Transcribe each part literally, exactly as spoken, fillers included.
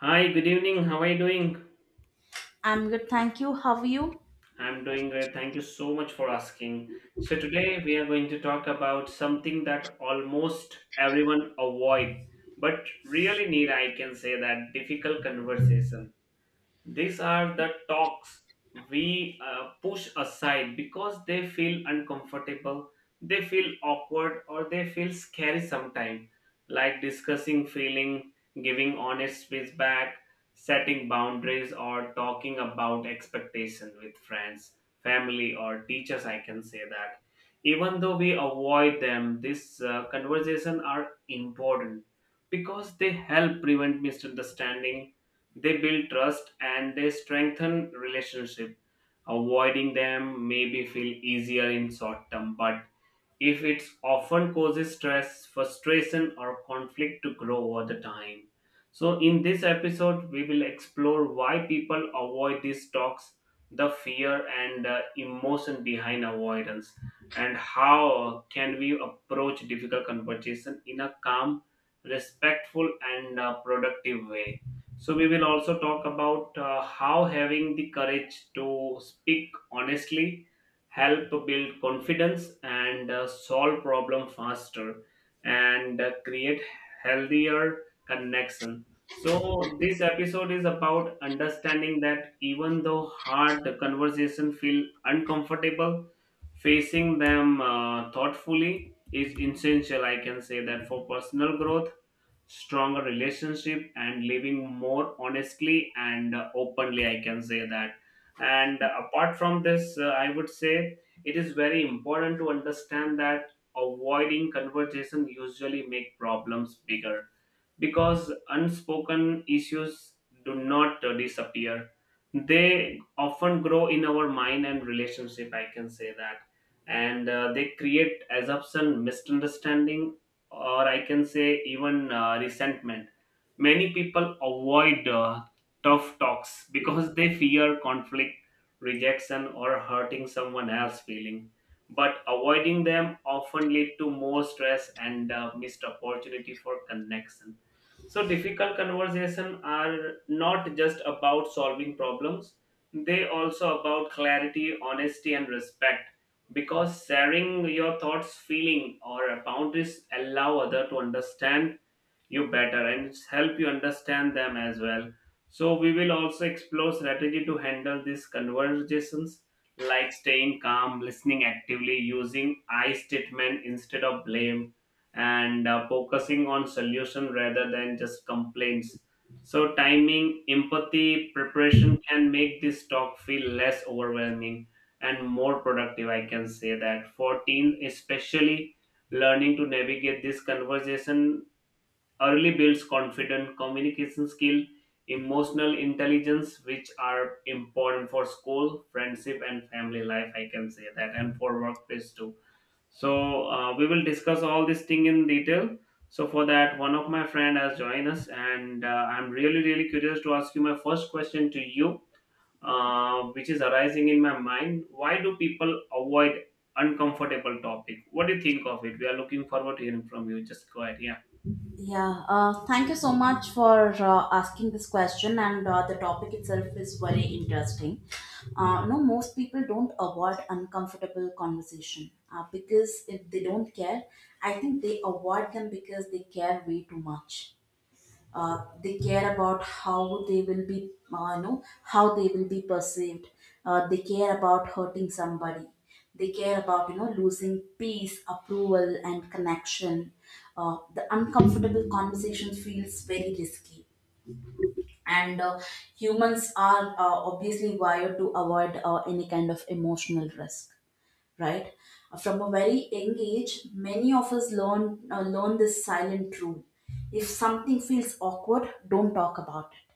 Hi, good evening. How are you doing? I'm good, thank you. How are you? I'm doing great. Thank you so much for asking. So today we are going to talk about something that almost everyone avoid, but really need, I can say that, difficult conversation. These are the talks we uh, push aside because they feel uncomfortable, they feel awkward, or they feel scary sometimes, like discussing feeling, giving honest feedback, setting boundaries, or talking about expectation with friends, family, or teachers. I can say that. Even though we avoid them, these uh, conversations are important because they help prevent misunderstanding, they build trust, and they strengthen relationship. Avoiding them maybe feel easier in short term, but if it often causes stress, frustration, or conflict to grow over the time. So, in this episode, we will explore why people avoid these talks, the fear and the emotion behind avoidance, and how can we approach difficult conversation in a calm, respectful, and uh, productive way. So, we will also talk about uh, how having the courage to speak honestly help build confidence, and uh, solve problem faster, and uh, create healthier connection. So this episode is about understanding that even though hard conversation feel uncomfortable, facing them uh, thoughtfully is essential, I can say that, for personal growth, stronger relationship, and living more honestly and uh, openly, I can say that. And apart from this, uh, I would say it is very important to understand that avoiding conversation usually make problems bigger, because unspoken issues do not uh, disappear. They often grow in our mind and relationship, I can say that. And uh, they create assumption, misunderstanding, or I can say even uh, resentment. Many people avoid uh, tough talks because they fear conflict, rejection, or hurting someone else's feeling, but avoiding them often lead to more stress and uh, missed opportunity for connection. So, difficult conversations are not just about solving problems, they also about clarity, honesty, and respect. Because sharing your thoughts, feeling, or boundaries allow other to understand you better and help you understand them as well. So, we will also explore strategy to handle these conversations, like staying calm, listening actively, using I statement instead of blame, and uh, focusing on solution rather than just complaints. So timing, empathy, preparation can make this talk feel less overwhelming and more productive, I can say that. For teens especially, learning to navigate this conversation early builds confident communication skill, emotional intelligence, which are important for school, friendship, and family life, I can say that, and for workplace too. So uh, we will discuss all this thing in detail. So for that, one of my friend has joined us, and uh, I'm really really curious to ask you my first question to you, uh, which is arising in my mind. Why do people avoid uncomfortable topic? What do you think of it? We are looking forward to hearing from you. Just go ahead. Yeah. Yeah, uh, thank you so much for uh, asking this question, and uh, the topic itself is very interesting. Uh, no, most people don't avoid uncomfortable conversation uh, because if they don't care, I think they avoid them because they care way too much. uh, they care about how they will be uh, you know how they will be perceived, uh, they care about hurting somebody, they care about you know losing peace, approval and connection. Uh, the uncomfortable conversation feels very risky, and uh, humans are uh, obviously wired to avoid uh, any kind of emotional risk, right? From a very young age, many of us learn uh, learn this silent rule. If something feels awkward, don't talk about it.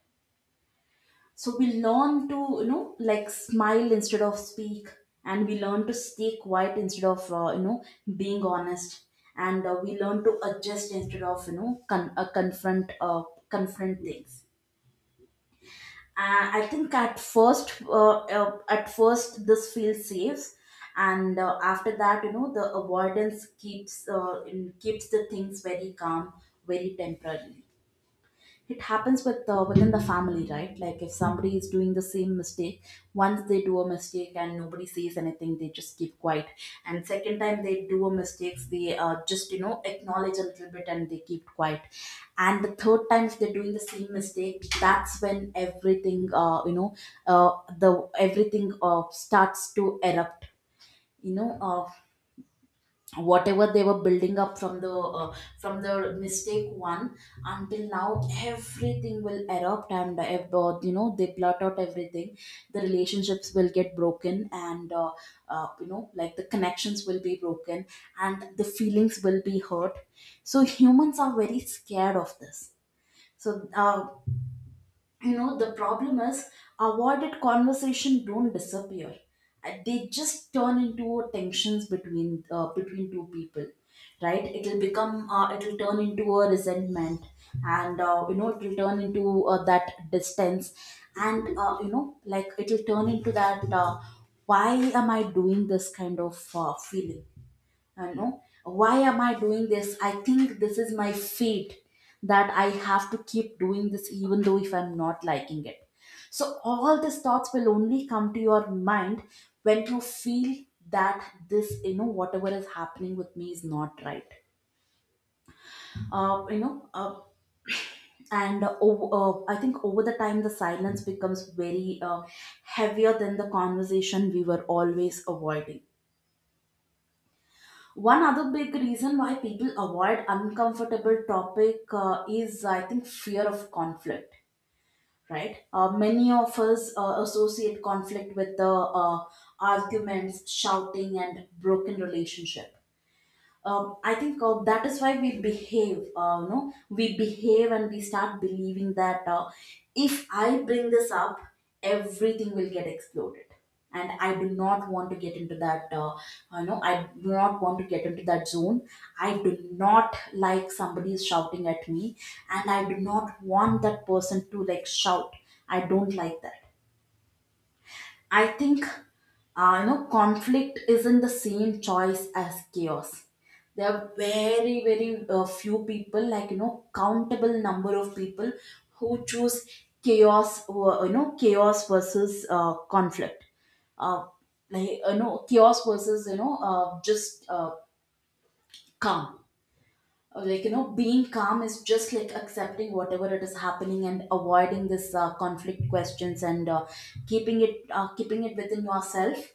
So we learn to you know like smile instead of speak, and we learn to stay quiet instead of uh, you know being honest, and uh, we learn to adjust instead of you know con- uh, confront uh, confront things. And I think at first uh, uh, at first this feels safe, and uh, after that you know the avoidance keeps uh, in, keeps the things very calm, very temporary. It happens with uh, within the family, right? Like if somebody is doing the same mistake, once they do a mistake and nobody says anything, they just keep quiet. And second time they do a mistakes they uh, just you know acknowledge a little bit and they keep quiet. And the third time if they're doing the same mistake, that's when everything uh, you know uh, the everything uh, starts to erupt. You know, uh, whatever they were building up from the uh, from the mistake one until now, everything will erupt and uh, ev- uh, you know they blurt out everything. The relationships will get broken and uh, uh, you know like the connections will be broken and the feelings will be hurt. So humans are very scared of this. so uh, you know the problem is, avoided conversation don't disappear. Uh, they just turn into tensions between uh, between two people. Right, it'll become uh, it'll turn into a resentment, and uh, you know it'll turn into uh, that distance, and uh, you know like it'll turn into that uh, why am I doing this kind of uh, feeling. I know why am I doing this? I think this is my fate, that I have to keep doing this even though if I'm not liking it. So all these thoughts will only come to your mind when you feel that this, you know, whatever is happening with me is not right. Uh, you know, uh, and uh, ov- uh, I think over the time the silence becomes very uh, heavier than the conversation we were always avoiding. One other big reason why people avoid uncomfortable topic uh, is, I think, fear of conflict. Right? Uh, many of us uh, associate conflict with the uh, arguments, shouting, and broken relationship. um, I think uh, that is why we behave. Uh, no, we behave and we start believing that, uh, if I bring this up, everything will get exploded. And I do not want to get into that. Uh, you know, I do not want to get into that zone. I do not like somebody is shouting at me, and I do not want that person to like shout. I don't like that. I think uh, you know conflict isn't the same choice as chaos. There are very very uh, few people, like you know, countable number of people who choose chaos. Or, you know, chaos versus uh, conflict. Uh, like you know, chaos versus you know uh, just uh, calm. Uh, Like you know, being calm is just like accepting whatever it is happening and avoiding this uh, conflict questions and uh, keeping it uh, keeping it within yourself.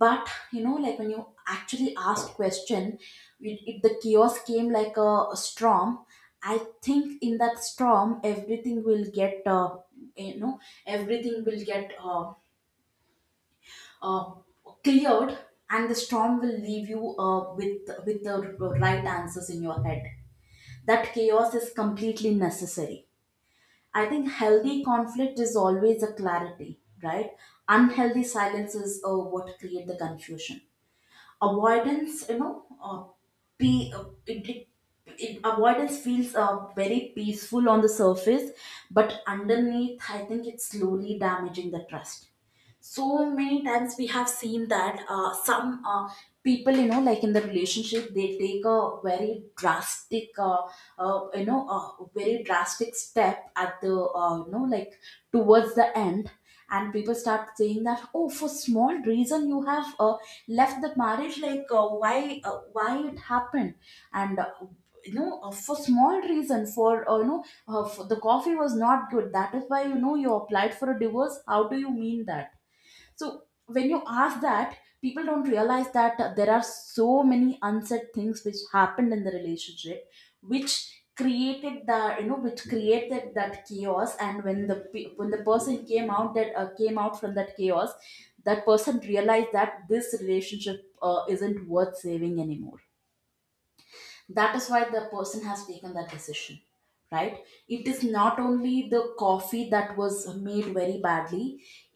But you know like when you actually ask question, it, it, the chaos came like a, a storm. I think in that storm everything will get uh, you know everything will get uh, uh, cleared, and the storm will leave you uh, with with the right answers in your head, that chaos is completely necessary. I think healthy conflict is always a clarity, right? Unhealthy silence is uh, what create the confusion. Avoidance, you know uh, be uh, it, it, it avoidance feels uh, very peaceful on the surface, but underneath I think it's slowly damaging the trust. So many times we have seen that uh, some uh, people you know like in the relationship, they take a very drastic uh, uh, you know a very drastic step at the uh, you know like towards the end. And people start saying that, oh, for small reason you have uh, left the marriage, like uh, why uh, why it happened, and uh, you know uh, for small reason, for uh, you know uh, for the coffee was not good, that is why you know you applied for a divorce, how do you mean that. So when you ask that, people don't realize that uh, there are so many unsaid things which happened in the relationship, which created the you know which created that chaos. And when the pe- when the person came out that uh, came out from that chaos, that person realized that this relationship uh, isn't worth saving anymore. That is why the person has taken that decision, right? It is not only the coffee that was made very badly.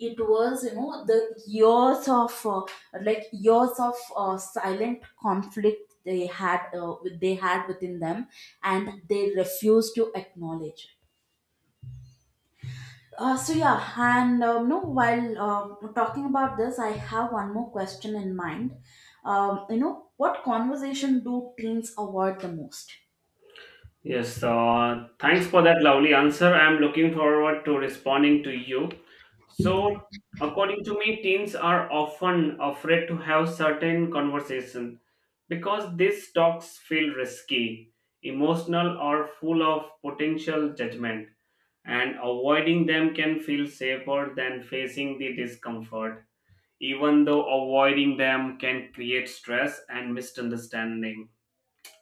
It was you know the years of uh, like years of uh, silent conflict they had uh, they had within them, and they refused to acknowledge it. Uh, so yeah, and um, no, while um talking about this, I have one more question in mind. Um, you know, what conversation do teens avoid the most? Yes, so uh, thanks for that lovely answer. I'm looking forward to responding to you. So, according to me, teens are often afraid to have certain conversation because these talks feel risky, emotional, or full of potential judgment, and avoiding them can feel safer than facing the discomfort, even though avoiding them can create stress and misunderstanding.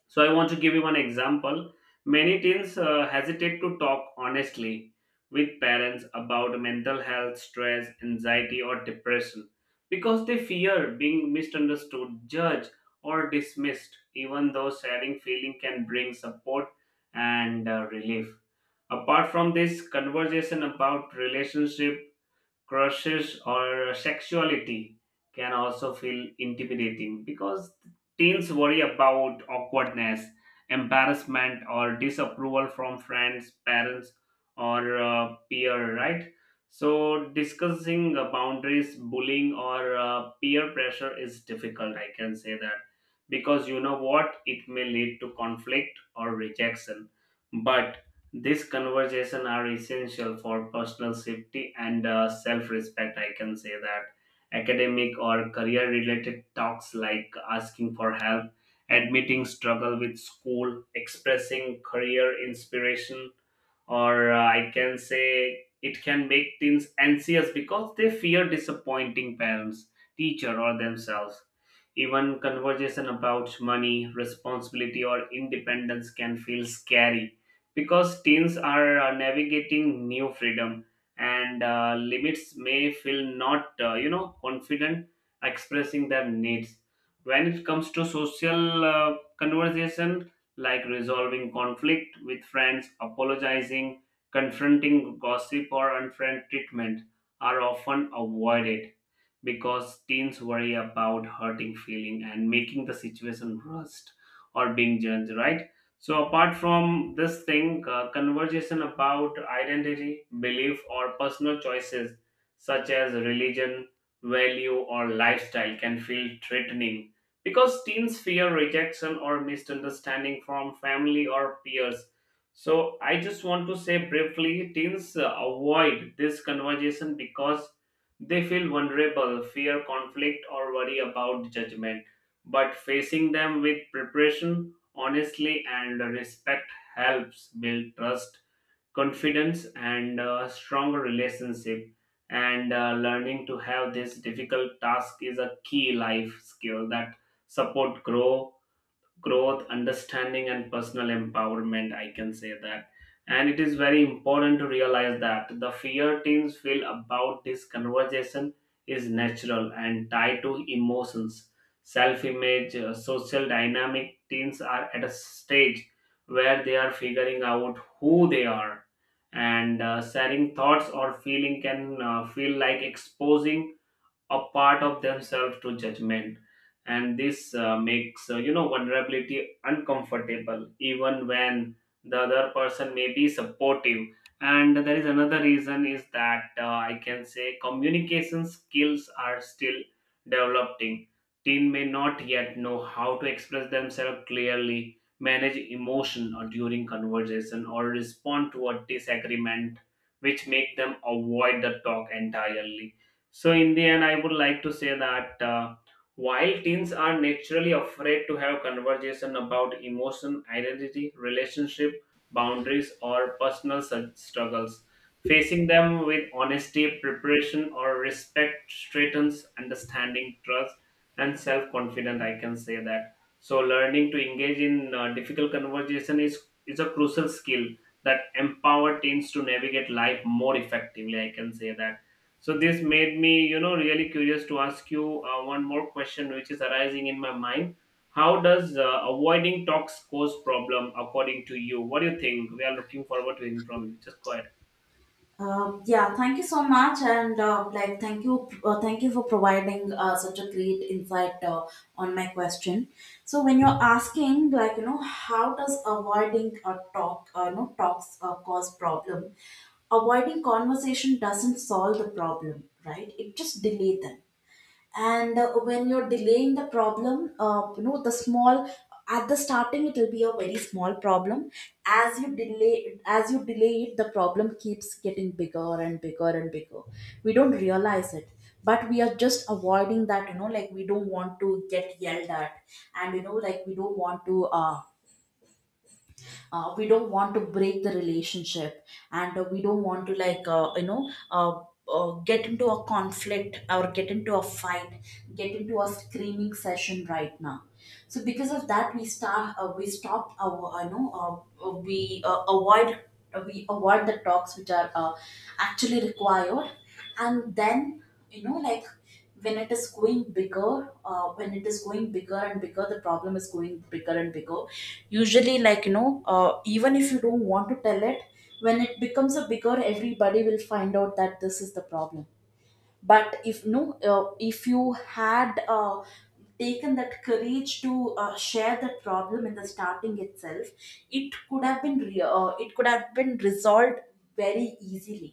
So I want to give you one example. Many teens uh, hesitate to talk honestly with parents about mental health, stress, anxiety, or depression because they fear being misunderstood, judged, or dismissed, even though sharing feeling can bring support and uh, relief. Apart from this, conversation about relationship, crushes, or sexuality can also feel intimidating because teens worry about awkwardness, embarrassment, or disapproval from friends, parents, or uh, peer, right? So, discussing uh, boundaries, bullying, or uh, peer pressure is difficult, I can say that. Because you know what? It may lead to conflict or rejection. But these conversations are essential for personal safety and uh, self-respect. I can say that academic or career-related talks like asking for help, admitting struggle with school, expressing career inspiration, or uh, I can say, it can make teens anxious because they fear disappointing parents, teacher, or themselves. Even conversation about money, responsibility, or independence can feel scary because teens are uh, navigating new freedom and uh, limits may feel not, uh, you know, confident expressing their needs. When it comes to social uh, conversation, like resolving conflict with friends, apologizing, confronting gossip, or unfair treatment, are often avoided because teens worry about hurting feeling and making the situation worst, or being judged, right? So apart from this thing, uh, conversation about identity, belief, or personal choices such as religion, value, or lifestyle can feel threatening because teens fear rejection or misunderstanding from family or peers. So I just want to say briefly, teens uh, avoid this conversation because they feel vulnerable, fear conflict, or worry about judgment. But facing them with preparation, honesty, and respect helps build trust, confidence, and a stronger relationship. And uh, learning to have this difficult task is a key life skill that support grow growth, understanding, and personal empowerment, I can say that. And it is very important to realize that the fear teens feel about this conversation is natural and tied to emotions, self image, social dynamic. Teens are at a stage where they are figuring out who they are, and uh, sharing thoughts or feeling can uh, feel like exposing a part of themselves to judgment. And this uh, makes, uh, you know, vulnerability uncomfortable, even when the other person may be supportive. And there is another reason is that uh, I can say communication skills are still developing. Teen may not yet know how to express themselves clearly, manage emotion or during conversation, or respond to a disagreement, which make them avoid the talk entirely. So, in the end, I would like to say that uh, while teens are naturally afraid to have conversation about emotion, identity, relationship, boundaries, or personal su- struggles, facing them with honesty, preparation, or respect strengthens understanding, trust, and self-confidence. I can say that. So, learning to engage in uh, difficult conversation is is a crucial skill that empower teens to navigate life more effectively. I can say that. So this made me, you know, really curious to ask you uh, one more question, which is arising in my mind. How does uh, avoiding talks cause problem according to you? What do you think? We are looking forward to hearing from you. Just go ahead. Um, yeah, thank you so much, and uh, like, thank you, uh, thank you for providing uh, such a great insight uh, on my question. So, when you're asking, like, you know, how does avoiding a talk, uh, you know, talks uh, cause problem? Avoiding conversation doesn't solve the problem, right? It just delay them, and uh, when you're delaying the problem uh, you know the small, at the starting it will be a very small problem. As you delay as you delay it, the problem keeps getting bigger and bigger and bigger. We don't realize it, but we are just avoiding that, you know like we don't want to get yelled at, and you know like we don't want to uh, uh, we don't want to break the relationship, and uh, we don't want to like uh, you know uh, uh, get into a conflict or get into a fight, get into a screaming session right now. So because of that, we start uh, we stop our uh, you know uh, uh, we uh, avoid uh, we avoid the talks which are uh, actually required. And then you know like when it is going bigger, uh, when it is going bigger and bigger, the problem is going bigger and bigger. Usually like you know uh, even if you don't want to tell it, when it becomes a bigger, everybody will find out that this is the problem. But if no uh, if you had uh, taken that courage to uh, share that problem in the starting itself, it could have been re- uh, it could have been resolved very easily.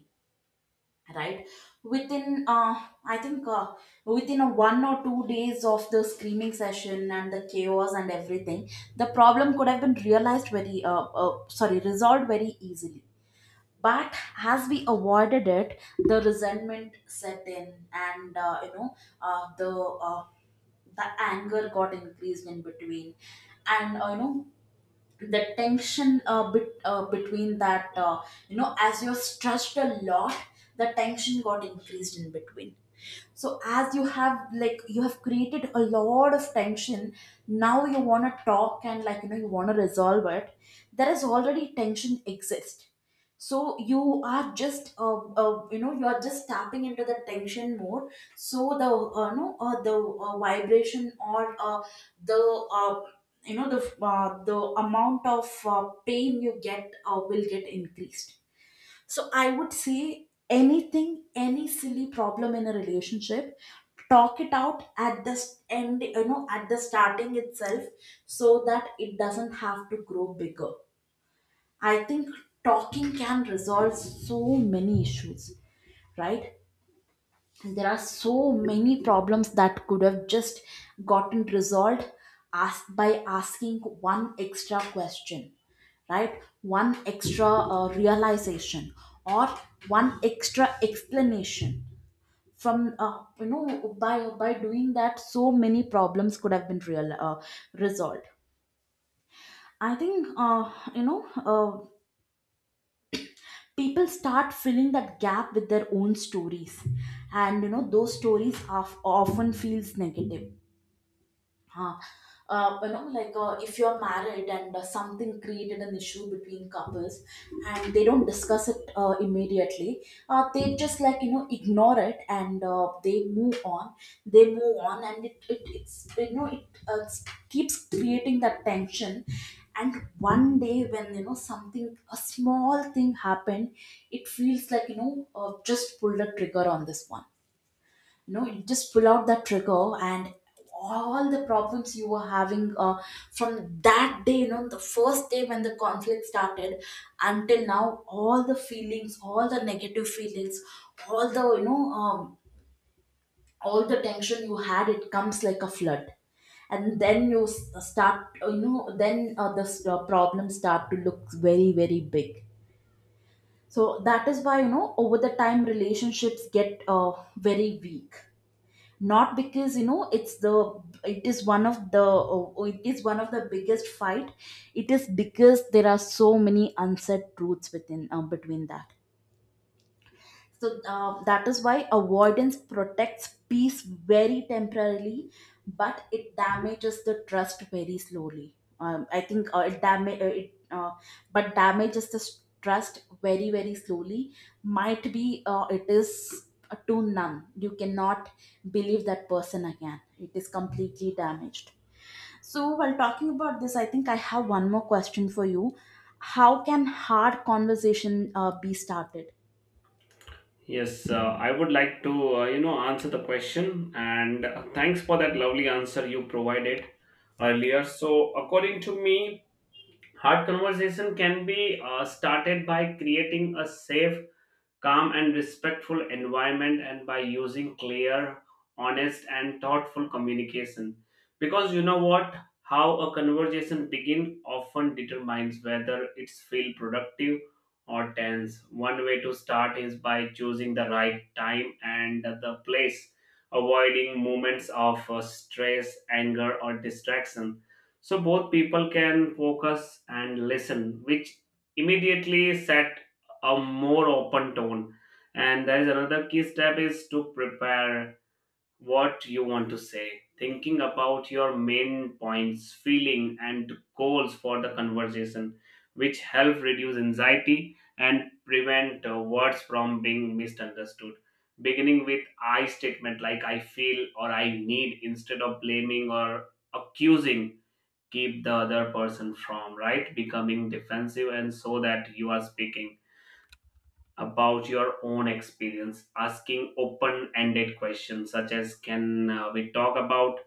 Right? Within uh, I think uh, within a one or two days of the screaming session and the chaos and everything, the problem could have been realized very uh, uh, sorry resolved very easily. But as we avoided it, the resentment set in, and uh, you know uh, the uh, the anger got increased in between, and uh, you know the tension uh, bit, uh, between that, uh, you know as you're stretched a lot, the tension got increased in between. So as you have like you have created a lot of tension, now you want to talk and like you know you want to resolve it, there is already tension exist. So you are just uh, uh, you know you are just tapping into the tension more. So the uh, no uh, the uh, vibration, or uh, the uh, you know the uh, the amount of uh, pain you get uh, will get increased. So I would say anything, any silly problem in a relationship, talk it out at the s- end you know at the starting itself, so that it doesn't have to grow bigger. I think talking can resolve so many issues, right? And there are so many problems that could have just gotten resolved ask by asking one extra question, right? One extra uh, realization or one extra explanation from uh, you know by by doing that so many problems could have been real uh, resolved. I think uh, you know uh, people start filling that gap with their own stories, and you know those stories of, often feels negative. Huh. Uh, you know, like uh, if you're married and uh, something created an issue between couples, and they don't discuss it uh, immediately, uh, they just like you know ignore it and uh, they move on. They move on and it, it it's you know it uh, s- keeps creating that tension. And one day when you know something a small thing happened, it feels like you know uh, just pulled a trigger on this one. No, you just pull out that trigger, and all the problems you were having uh, from that day, you know, the first day when the conflict started until now, all the feelings, all the negative feelings, all the you know um, all the tension you had, it comes like a flood. And then you s- uh, start, you know, then uh, the s- the problems start to look very, very big. So that is why, you know, over the time relationships get uh, very weak, not because you know it's the it is one of the oh, it is one of the biggest fight. It is because there are so many unsaid truths within uh, between that. So uh, that is why avoidance protects peace very temporarily, but it damages the trust very slowly. Um, I think uh, it damage uh, it, uh, but damages the s- trust very, very slowly. Might be uh, it is too numb. You cannot believe that person again. It is completely damaged. So while talking about this, I think I have one more question for you. How can hard conversation uh, be started? Yes, uh, I would like to, uh, you know, answer the question, and uh, thanks for that lovely answer you provided earlier. So, according to me, hard conversation can be uh, started by creating a safe, calm, and respectful environment, and by using clear, honest, and thoughtful communication. Because you know what, how a conversation begins often determines whether it's feel productive or tense. One way to start is by choosing the right time and the place, avoiding moments of uh, stress, anger, or distraction, so both people can focus and listen, which immediately set a more open tone. And there is another key step is to prepare what you want to say, thinking about your main points, feeling, and goals for the conversation, which help reduce anxiety and prevent uh, words from being misunderstood. Beginning with I statement like I feel or I need instead of blaming or accusing keep the other person from right becoming defensive, and so that you are speaking about your own experience, asking open ended questions such as, can uh, we talk about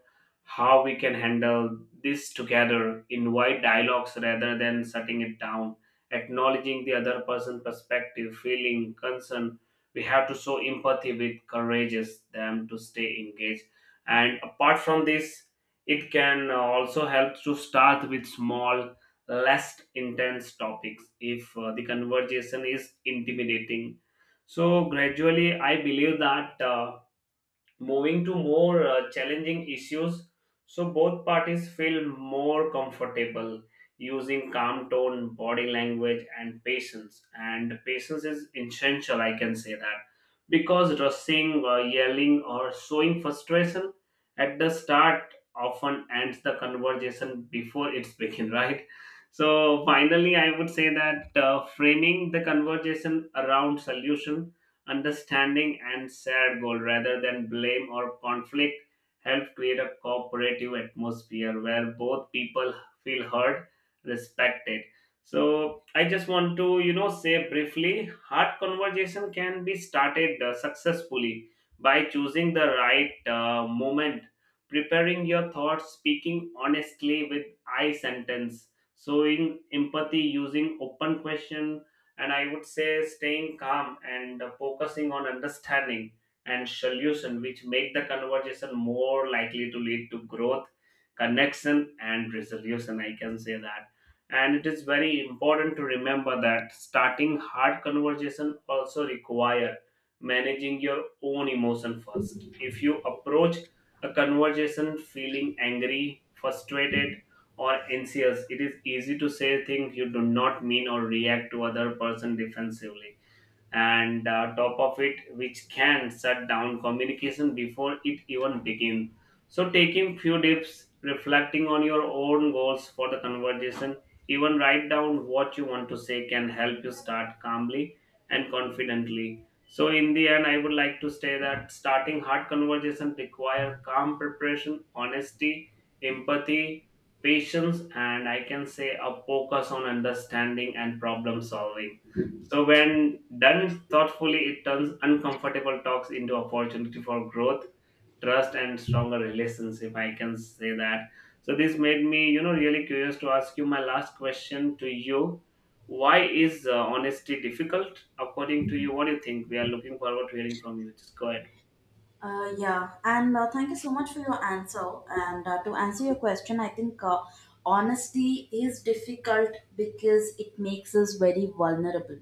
how we can handle this together? Invite dialogues rather than shutting it down, acknowledging the other person's perspective, feeling, concern. We have to show empathy with courageous them to stay engaged. And apart from this, it can uh, also help to start with small, less intense topics if uh, the conversation is intimidating, so gradually I believe that uh, moving to more uh, challenging issues, so both parties feel more comfortable using calm tone, body language, and patience. And patience is essential, I can say that, because rushing, uh, yelling, or showing frustration at the start often ends the conversation before it's begin, right? So finally I would say that uh, framing the conversation around solution, understanding, and shared goal rather than blame or conflict help create a cooperative atmosphere where both people feel heard, respected. So I just want to, you know, say briefly, hard conversation can be started uh, successfully by choosing the right uh, moment, preparing your thoughts, speaking honestly with I sentence, showing empathy, using open question, and I would say staying calm and uh, focusing on understanding and solution, which make the conversation more likely to lead to growth, connection, and resolution, I can say that. And it is very important to remember that starting hard conversation also require managing your own emotion first. If you approach a conversation feeling angry, frustrated, or anxious, it is easy to say things you do not mean or react to other person defensively, and uh, top of it, which can shut down communication before it even begins. So taking few dips, reflecting on your own goals for the conversation, even write down what you want to say can help you start calmly and confidently. So in the end I would like to say that starting hard conversation require calm, preparation, honesty, empathy, patience, and I can say a focus on understanding and problem solving. So, when done thoughtfully, it turns uncomfortable talks into opportunity for growth, trust, and stronger relations, if I can say that. So, this made me, you know, really curious to ask you my last question to you. Why is uh, honesty difficult, according to you? What do you think? We are looking forward to hearing from you. Just go ahead. Uh, yeah, and uh, thank you so much for your answer. And uh, to answer your question, I think uh, honesty is difficult because it makes us very vulnerable,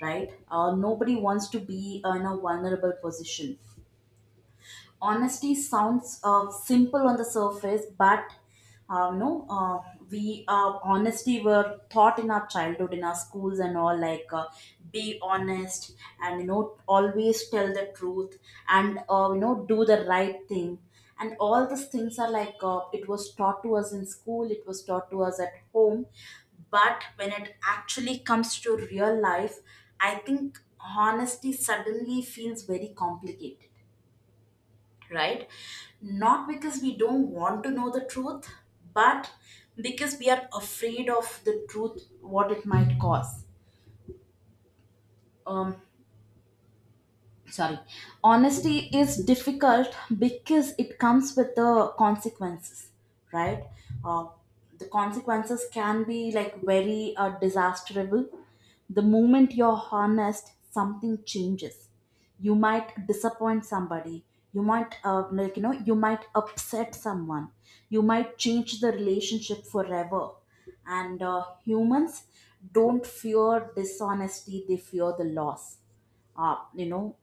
right? Uh, nobody wants to be in a vulnerable position. Honesty sounds uh, simple on the surface, but uh, no uh, we uh, honesty were taught in our childhood, in our schools, and all, like uh, be honest, and you know, always tell the truth, and uh, you know, do the right thing, and all these things are like uh, it was taught to us in school, it was taught to us at home. But when it actually comes to real life, I think honesty suddenly feels very complicated, right? Not because we don't want to know the truth, but because we are afraid of the truth, what it might cause. Um, Sorry. Honesty is difficult because it comes with the consequences, right? uh, the consequences can be like very uh, disastrous. The moment you're honest, something changes. You might disappoint somebody. You might uh, like you know, you might upset someone. You might change the relationship forever. And uh, humans don't fear dishonesty, they fear the loss. uh, you know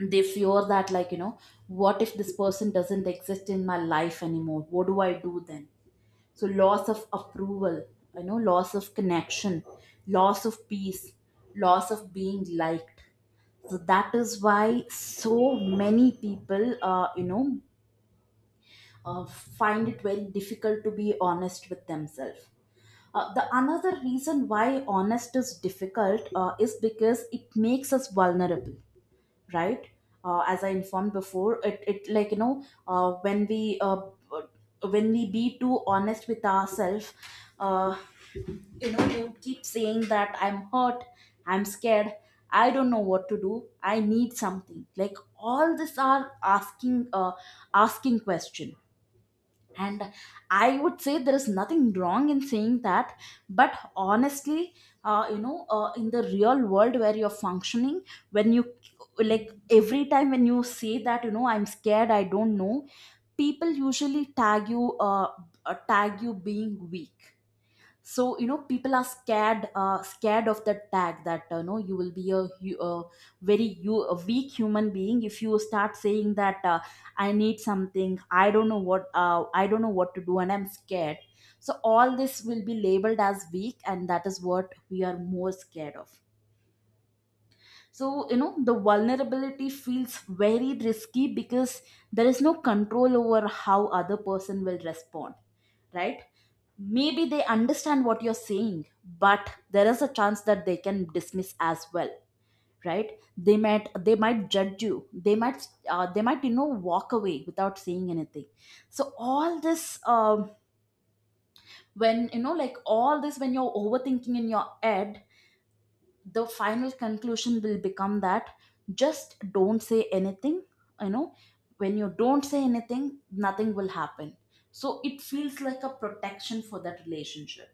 they fear that, like you know, what if this person doesn't exist in my life anymore? What do I do then? So loss of approval, you know, loss of connection, loss of peace, loss of being liked. So that is why so many people uh, you know uh, find it very difficult to be honest with themselves. Uh, the another reason why honest is difficult uh, is because it makes us vulnerable, right? Uh, as I informed before, it, it like you know, uh, when we uh, when we be too honest with ourselves, uh, you know you keep saying that I'm hurt, I'm scared, I don't know what to do, I need something, like all this are asking uh, asking questions. And I would say there is nothing wrong in saying that. But honestly, uh, you know uh, in the real world where you're functioning, when you, like every time when you say that, you know, I'm scared, I don't know, people usually tag you, uh, uh, tag you being weak. So, you know, people are scared, uh, scared of that tag, that uh, no, you will be a, hu- a very, you, a weak human being, if you start saying that uh, I need something, I don't know what, uh, I don't know what to do, and I'm scared. So all this will be labeled as weak, and that is what we are more scared of. So, you know, the vulnerability feels very risky because there is no control over how other person will respond, right? Maybe they understand what you're saying, but there is a chance that they can dismiss as well, right? They might, they might judge you, they might uh, they might you know walk away without saying anything. So all this, um when you know, like all this, when you're overthinking in your head, the final conclusion will become that just don't say anything. You know, when you don't say anything, nothing will happen. So it feels like a protection for that relationship.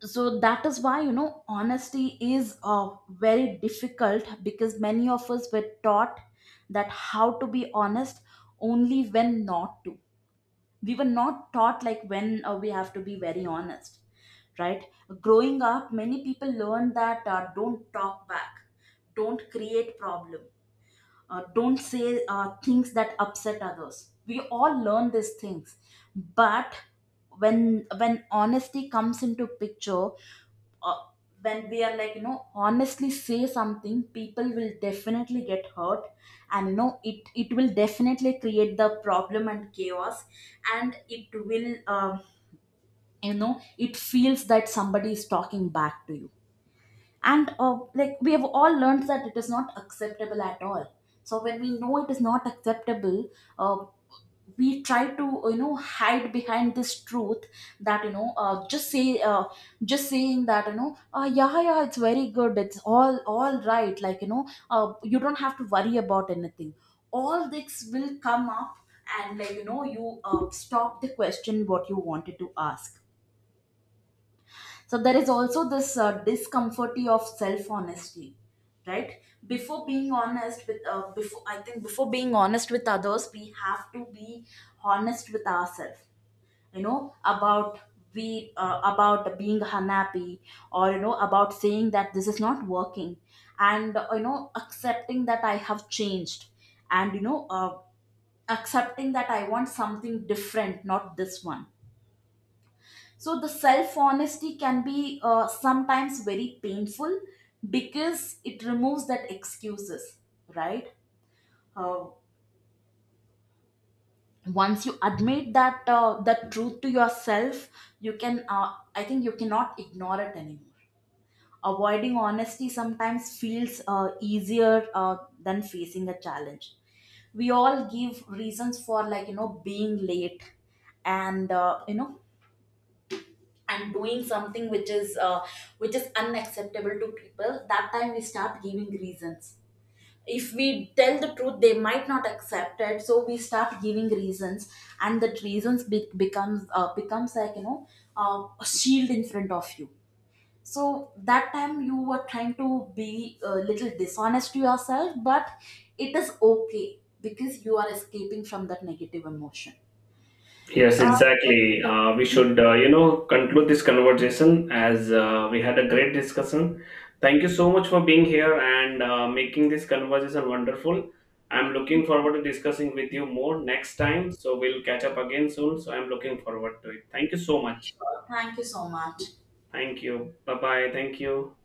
So that is why, you know, honesty is uh, very difficult, because many of us were taught that how to be honest only when not to. We were not taught like when uh, we have to be very honest, right? Growing up, many people learn that uh, don't talk back, don't create problem, uh, don't say uh, things that upset others. We all learn these things. But when when honesty comes into picture, uh, when we are, like you know, honestly say something, people will definitely get hurt, and you know, it it will definitely create the problem and chaos. And it will, uh, you know it feels that somebody is talking back to you. And uh, like we have all learned that it is not acceptable at all. So when we know it is not acceptable, uh, we try to uh, you know hide behind this truth, that you know, uh, just say uh, just saying that, you know, uh, yeah, yeah, it's very good, it's all all right, like you know, uh, you don't have to worry about anything. All this will come up, and like you know, you uh, stop the question what you wanted to ask. So there is also this uh, discomfort of self honesty, right? Before being honest with, uh, before I think before being honest with others, we have to be honest with ourselves. You know, about we uh, about being unhappy, or you know, about saying that this is not working, and uh, you know, accepting that I have changed, and you know uh, accepting that I want something different, not this one. So the self honesty can be uh, sometimes very painful, because it removes that excuses, right? Uh, Once you admit that uh, the truth to yourself, you can. Uh, I think you cannot ignore it anymore. Avoiding honesty sometimes feels uh, easier uh, than facing a challenge. We all give reasons for, like you know, being late, and uh, you know and doing something which is uh, which is unacceptable to people. That time we start giving reasons. If we tell the truth, they might not accept it, so we start giving reasons. And that reasons be- becomes uh, becomes, like you know, uh, a shield in front of you. So that time you were trying to be a little dishonest to yourself, but it is okay because you are escaping from that negative emotion. Yes, uh, exactly. Uh, we should, uh, you know, conclude this conversation as uh, we had a great discussion. Thank you so much for being here and uh, making this conversation wonderful. I'm looking forward to discussing with you more next time. So we'll catch up again soon. So I'm looking forward to it. Thank you so much. Thank you so much. Thank you. Bye bye. Thank you.